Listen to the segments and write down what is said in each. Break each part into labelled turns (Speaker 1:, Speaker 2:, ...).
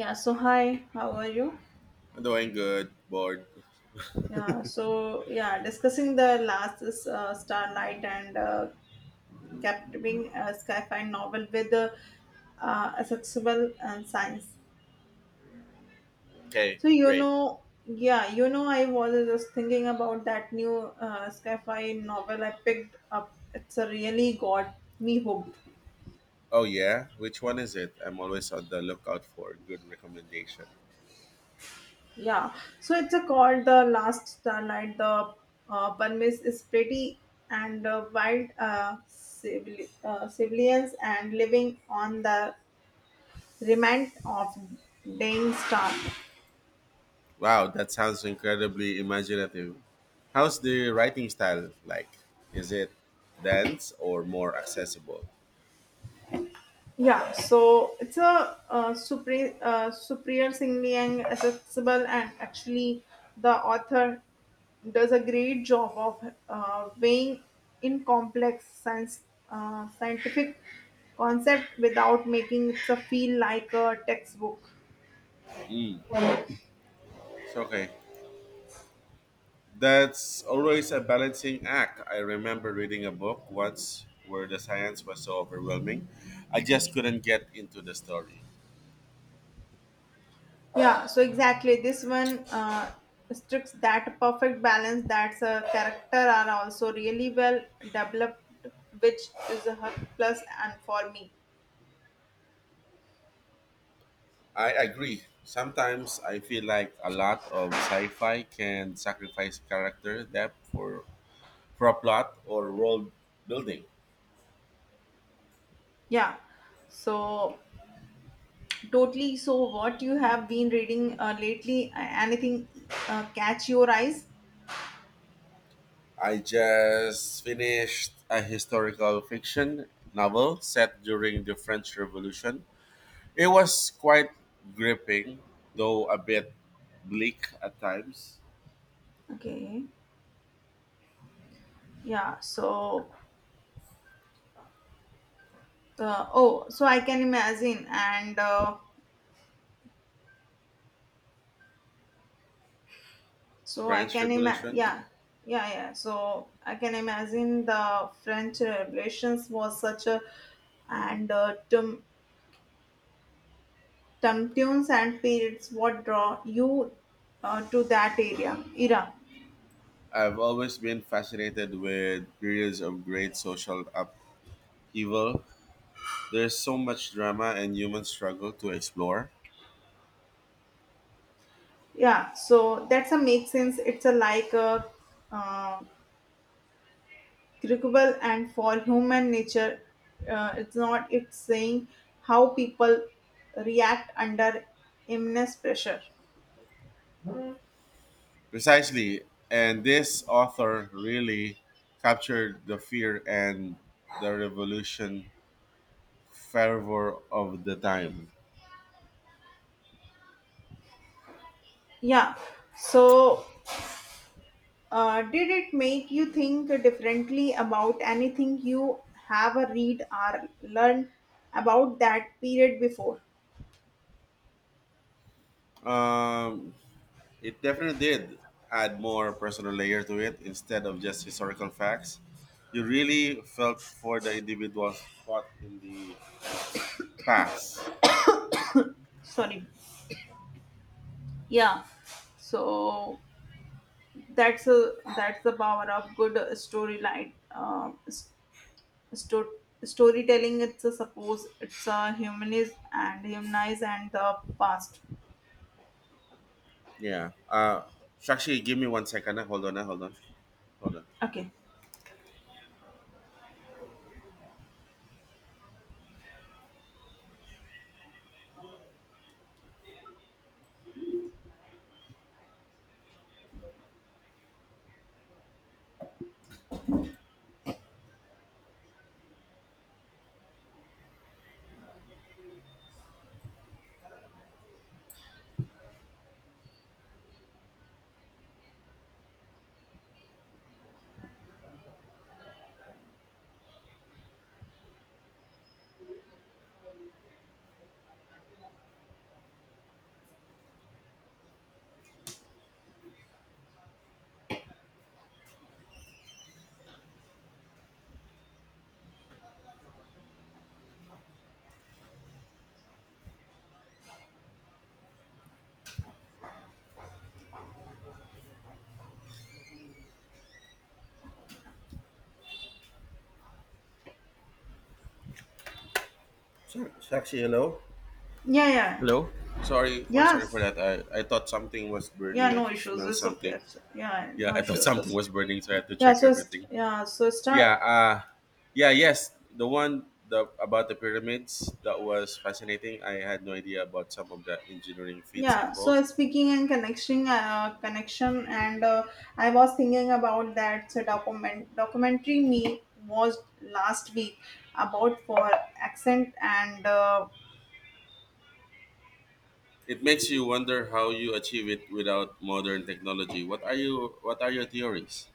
Speaker 1: Yeah, so hi, how are you?
Speaker 2: Doing good, bored.
Speaker 1: Discussing the last is Starlight and captivating sci-fi novel with accessible and science.
Speaker 2: Okay,
Speaker 1: So you
Speaker 2: great.
Speaker 1: know, yeah, you know, I was just thinking about that new sci-fi novel I picked up. It's a really got me hooked.
Speaker 2: Oh yeah, which one is it? I'm always on the lookout for a good recommendation.
Speaker 1: Yeah, so it's a called the last starlight. The Burmese is pretty and wild civilians and living on the remnant of dying star.
Speaker 2: Wow, that sounds incredibly imaginative. How's the writing style like? Is it dense or more accessible?
Speaker 1: Yeah, so it's a Supriya Singh Liang accessible and actually the author does a great job of weighing in complex science scientific concept without making it a feel like a textbook.
Speaker 2: Mm, it's okay. That's always a balancing act. I remember reading a book once where the science was so overwhelming, I just couldn't get into the story.
Speaker 1: Yeah, so exactly this one strikes that perfect balance that's a character are also really well developed, which is a her plus and for me.
Speaker 2: I agree. Sometimes I feel like a lot of sci-fi can sacrifice character depth for a plot or world building.
Speaker 1: Yeah, so totally. So, what you have been reading lately? Anything catch your eyes?
Speaker 2: I just finished a historical fiction novel set during the French Revolution. It was quite gripping, though a bit bleak at times.
Speaker 1: Okay. Yeah. So, oh, so I can imagine, and so I
Speaker 2: French
Speaker 1: can imagine.
Speaker 2: Revolution.
Speaker 1: Yeah, yeah. So I can imagine the French Revolutions was such a and tum tum tunes and periods. What draw you to that area era?
Speaker 2: I've always been fascinated with periods of great social upheaval. There's so much drama and human struggle to explore.
Speaker 1: Yeah, so that's a make sense. It's a like a uh, critical and for human nature, it's not. It's saying how people react under immense pressure.
Speaker 2: Precisely, and this author really captured the fear and the revolution fervor of the time.
Speaker 1: Yeah, so did it make you think differently about anything you have a read or learned about that period before?
Speaker 2: Um, it definitely did add more personal layer to it instead of just historical facts. You really felt for the individuals caught in the past.
Speaker 1: Sorry. Yeah. So that's a that's the power of good storyline sto- storytelling it's a suppose it's a humanist and humanize and the past.
Speaker 2: Yeah. So actually, give me 1 second. Hold on. Ah. Hold on. Hold on.
Speaker 1: Okay. Yeah.
Speaker 2: Sorry for
Speaker 1: Yes.
Speaker 2: that. I thought something was
Speaker 1: Yeah,
Speaker 2: burning. I
Speaker 1: no issues,
Speaker 2: smelled
Speaker 1: it's okay
Speaker 2: something.
Speaker 1: It's- yeah
Speaker 2: Yeah,
Speaker 1: No
Speaker 2: I thought
Speaker 1: issues.
Speaker 2: something was burning, so I had to
Speaker 1: Yeah
Speaker 2: check
Speaker 1: so it's-
Speaker 2: everything.
Speaker 1: yeah so
Speaker 2: Yeah,
Speaker 1: start
Speaker 2: uh yeah, yes. The one the about the pyramids, that was fascinating. I had no idea about some of the engineering feats
Speaker 1: Yeah,
Speaker 2: involved.
Speaker 1: so speaking and connecting, connection, and I was thinking about that so documentary me was last week about for accent and
Speaker 2: It makes you wonder how you achieve it without modern technology. What are your theories?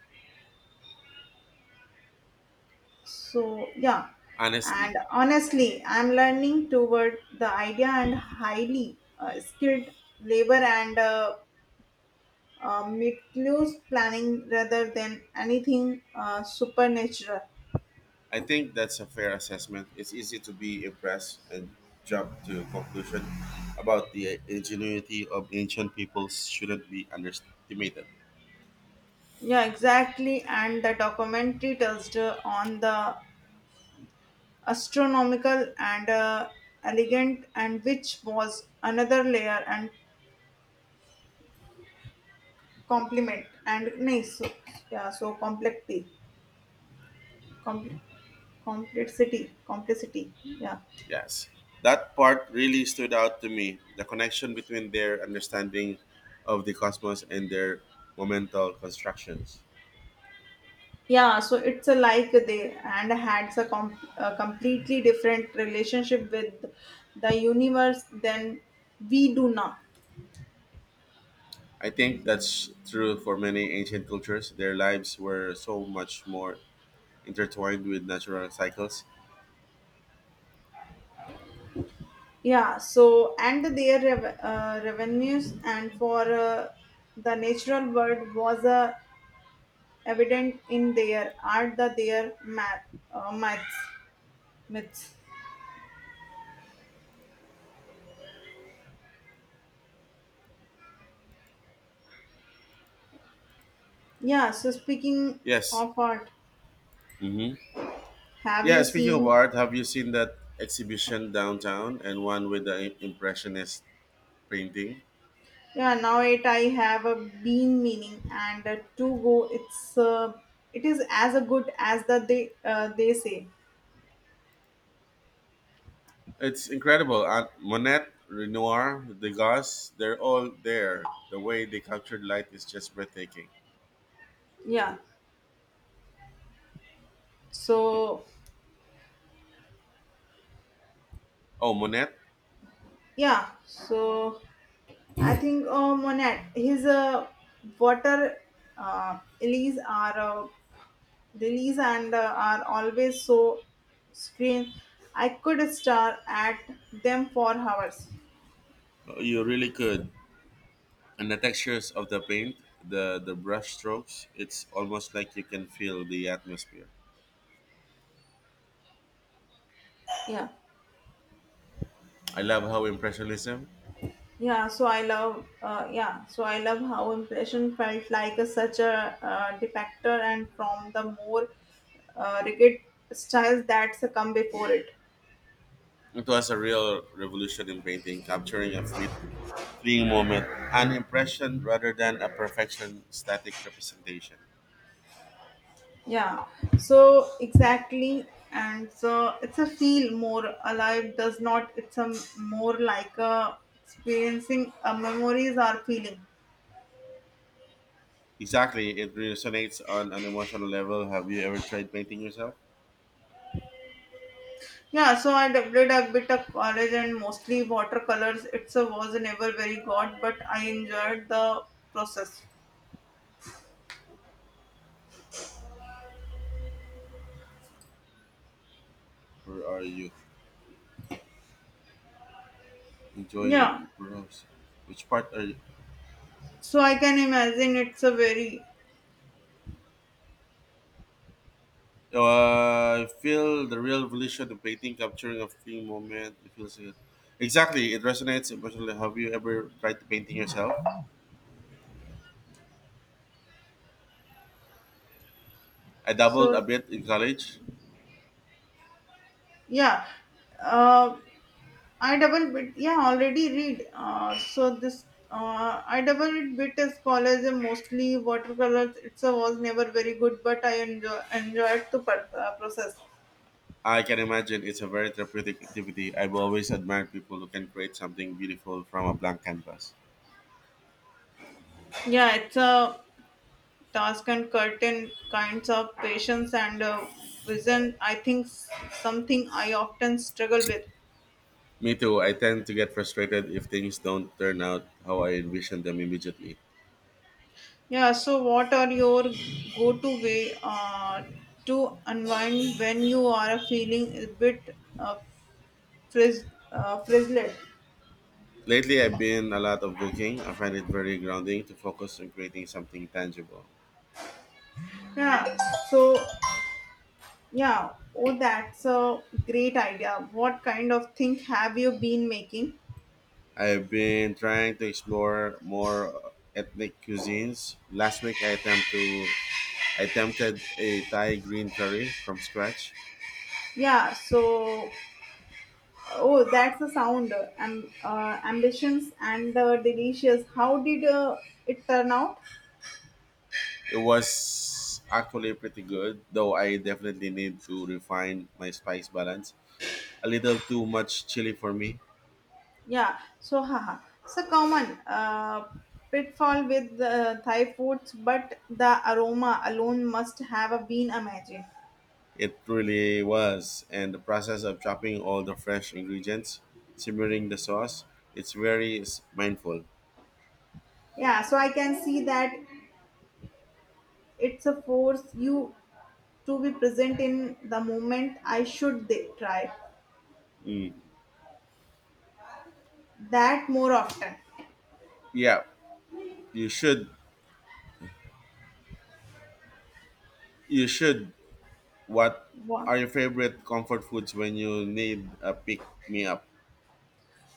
Speaker 1: so yeah,
Speaker 2: Honestly.
Speaker 1: and honestly, I'm learning toward the idea and highly skilled labor and meticulous planning rather than anything supernatural.
Speaker 2: I think that's a fair assessment. It's easy to be impressed and jump to conclusion about the ingenuity of ancient peoples shouldn't be underestimated.
Speaker 1: Yeah, exactly. And the documentary touched on the astronomical and elegant and which was another layer and complement and nice so, yeah so compl- complexity complexity yeah.
Speaker 2: Yes. That part really stood out to me, the connection between their understanding of the cosmos and their momental constructions.
Speaker 1: Yeah so it's a like they and had a, a completely different relationship with the universe than we do now.
Speaker 2: I think that's true for many ancient cultures. Their lives were so much more intertwined with natural cycles.
Speaker 1: Yeah so and their revenues and for the natural world was a evident in their art the their maths, myths. Yeah, so speaking
Speaker 2: Yes.
Speaker 1: of art,
Speaker 2: Mhm.
Speaker 1: have you
Speaker 2: Yeah, speaking of
Speaker 1: seen?
Speaker 2: art, have you seen that exhibition downtown, and one with the impressionist painting?
Speaker 1: Yeah, Now it I have a been meaning and to go. It's it is as a good as that they say.
Speaker 2: It's incredible. Monet, Renoir, Degas, they're all there. The way they captured light is just breathtaking.
Speaker 1: Yeah. So
Speaker 2: Oh, Monet,
Speaker 1: yeah. So I think Monet his water lilies are. Release and are always so screen. I could stare at them for hours.
Speaker 2: you really could. And the textures of the paint, the brush strokes, it's almost like you can feel the atmosphere.
Speaker 1: Yeah.
Speaker 2: I love how impressionism
Speaker 1: So I love how impression felt like a, such a defector and from the more rigid styles that succumb before it.
Speaker 2: it was a real revolution in painting, capturing a fleeing moment, an impression rather than a perfection static representation.
Speaker 1: Yeah so exactly and so it's a feel more alive does not, it's a more like a experiencing a memories or feeling.
Speaker 2: Exactly, it resonates on an emotional level. Have you ever tried painting yourself,
Speaker 1: Yeah, so I did a bit of college and mostly watercolors. It's a was never very good, but I enjoyed the process.
Speaker 2: or are you enjoy the
Speaker 1: Yeah,
Speaker 2: process? Which part are you?
Speaker 1: so I can imagine it's a very,
Speaker 2: I feel the real evolution of painting, capturing a fleeting moment. It feels exactly. It resonates emotionally. Have you ever tried painting yourself? I dabbled
Speaker 1: so
Speaker 2: a bit in college.
Speaker 1: yeah. Uh, I double bit yeah already read. So this I double bit is college and mostly watercolors. It's a was never very good, but I enjoyed the process.
Speaker 2: I can imagine it's a very therapeutic activity. I've always admired people who can create something beautiful from a blank canvas.
Speaker 1: Yeah, it's a task and curtain kinds of patience and vision I think something I often struggle with.
Speaker 2: Me too. I tend to get frustrated if things don't turn out how I envision them immediately.
Speaker 1: Yeah so what are your go to way to unwind when you are feeling a bit frizz, frizzled?
Speaker 2: Lately, I've been a lot of cooking. I find it very grounding to focus on creating something tangible.
Speaker 1: Yeah so yeah Oh, that's a great idea, what kind of thing have you been making?
Speaker 2: I've been trying to explore more ethnic cuisines. Last week, I attempted a Thai green curry from scratch.
Speaker 1: Yeah so oh, that's a sound. Ambitions and delicious. How did it turn out?
Speaker 2: It was actually pretty good, though I definitely need to refine my spice balance. A little too much chili for me.
Speaker 1: Yeah. So, haha. So common pitfall with Thai foods, but the aroma alone must have been amazing.
Speaker 2: It really was. And the process of chopping all the fresh ingredients, simmering the sauce, it's very mindful.
Speaker 1: Yeah. So I can see that it's a force you to be present in the moment. I should try
Speaker 2: Mm.
Speaker 1: that more often.
Speaker 2: Yeah, you should. You should. What
Speaker 1: Wow.
Speaker 2: are your favorite comfort foods when you need a pick me up?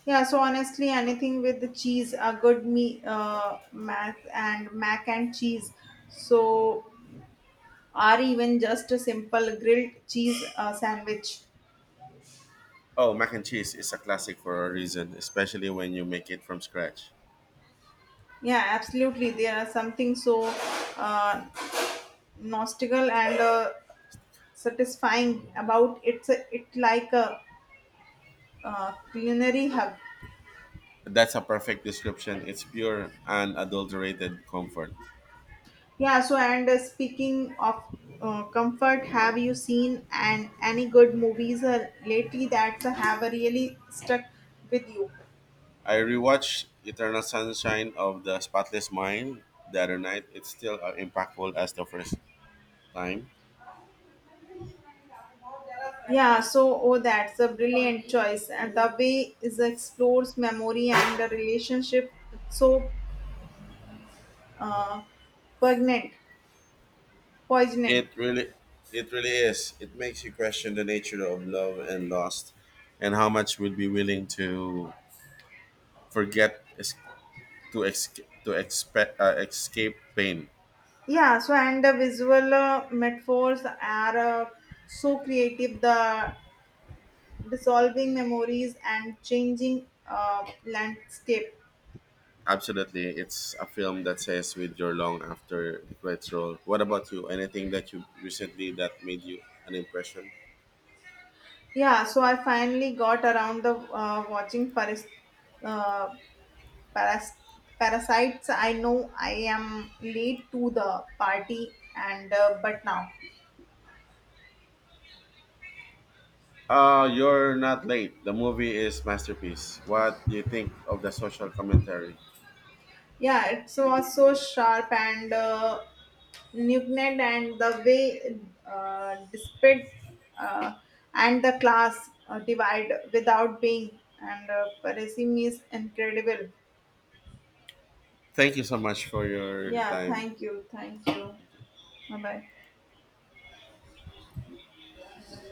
Speaker 1: Yeah, so honestly, anything with the cheese, a good me mac and mac and cheese. So, or even just a simple grilled cheese sandwich.
Speaker 2: Oh, mac and cheese is a classic for a reason, especially when you make it from scratch.
Speaker 1: Yeah, absolutely. There are something so uh, nostalgic and satisfying about it's a, it like a culinary hug.
Speaker 2: That's a perfect description. It's pure and adulterated comfort.
Speaker 1: Yeah, so and speaking of comfort, have you seen and any good movies lately that have really stuck with you?
Speaker 2: I rewatched Eternal Sunshine of the Spotless Mind the other night. It's still as impactful as the first time.
Speaker 1: Oh, that's a brilliant choice, and the way is explores memory and the relationship. It's so uh, poignant, poignant.
Speaker 2: It really it really is. It makes you question the nature of love and loss and how much we'd be willing to forget, to expect escape pain.
Speaker 1: Yeah, so and the visual metaphors are so creative. The dissolving memories and changing landscape.
Speaker 2: Absolutely, it's a film that says with your long after the credits roll. What about you? Anything that you recently that made you an impression?
Speaker 1: Yeah, so I finally got around the watching uh, paras- Parasites. I know I am late to the party, and but now,
Speaker 2: You're not late. The movie is masterpiece. What do you think of the social commentary?
Speaker 1: yeah, it was so sharp and nugnant, and the way despite uh, and the class divide without being and Parasim is incredible.
Speaker 2: Thank you so much for your
Speaker 1: Yeah,
Speaker 2: time.
Speaker 1: thank you, thank you. Bye bye.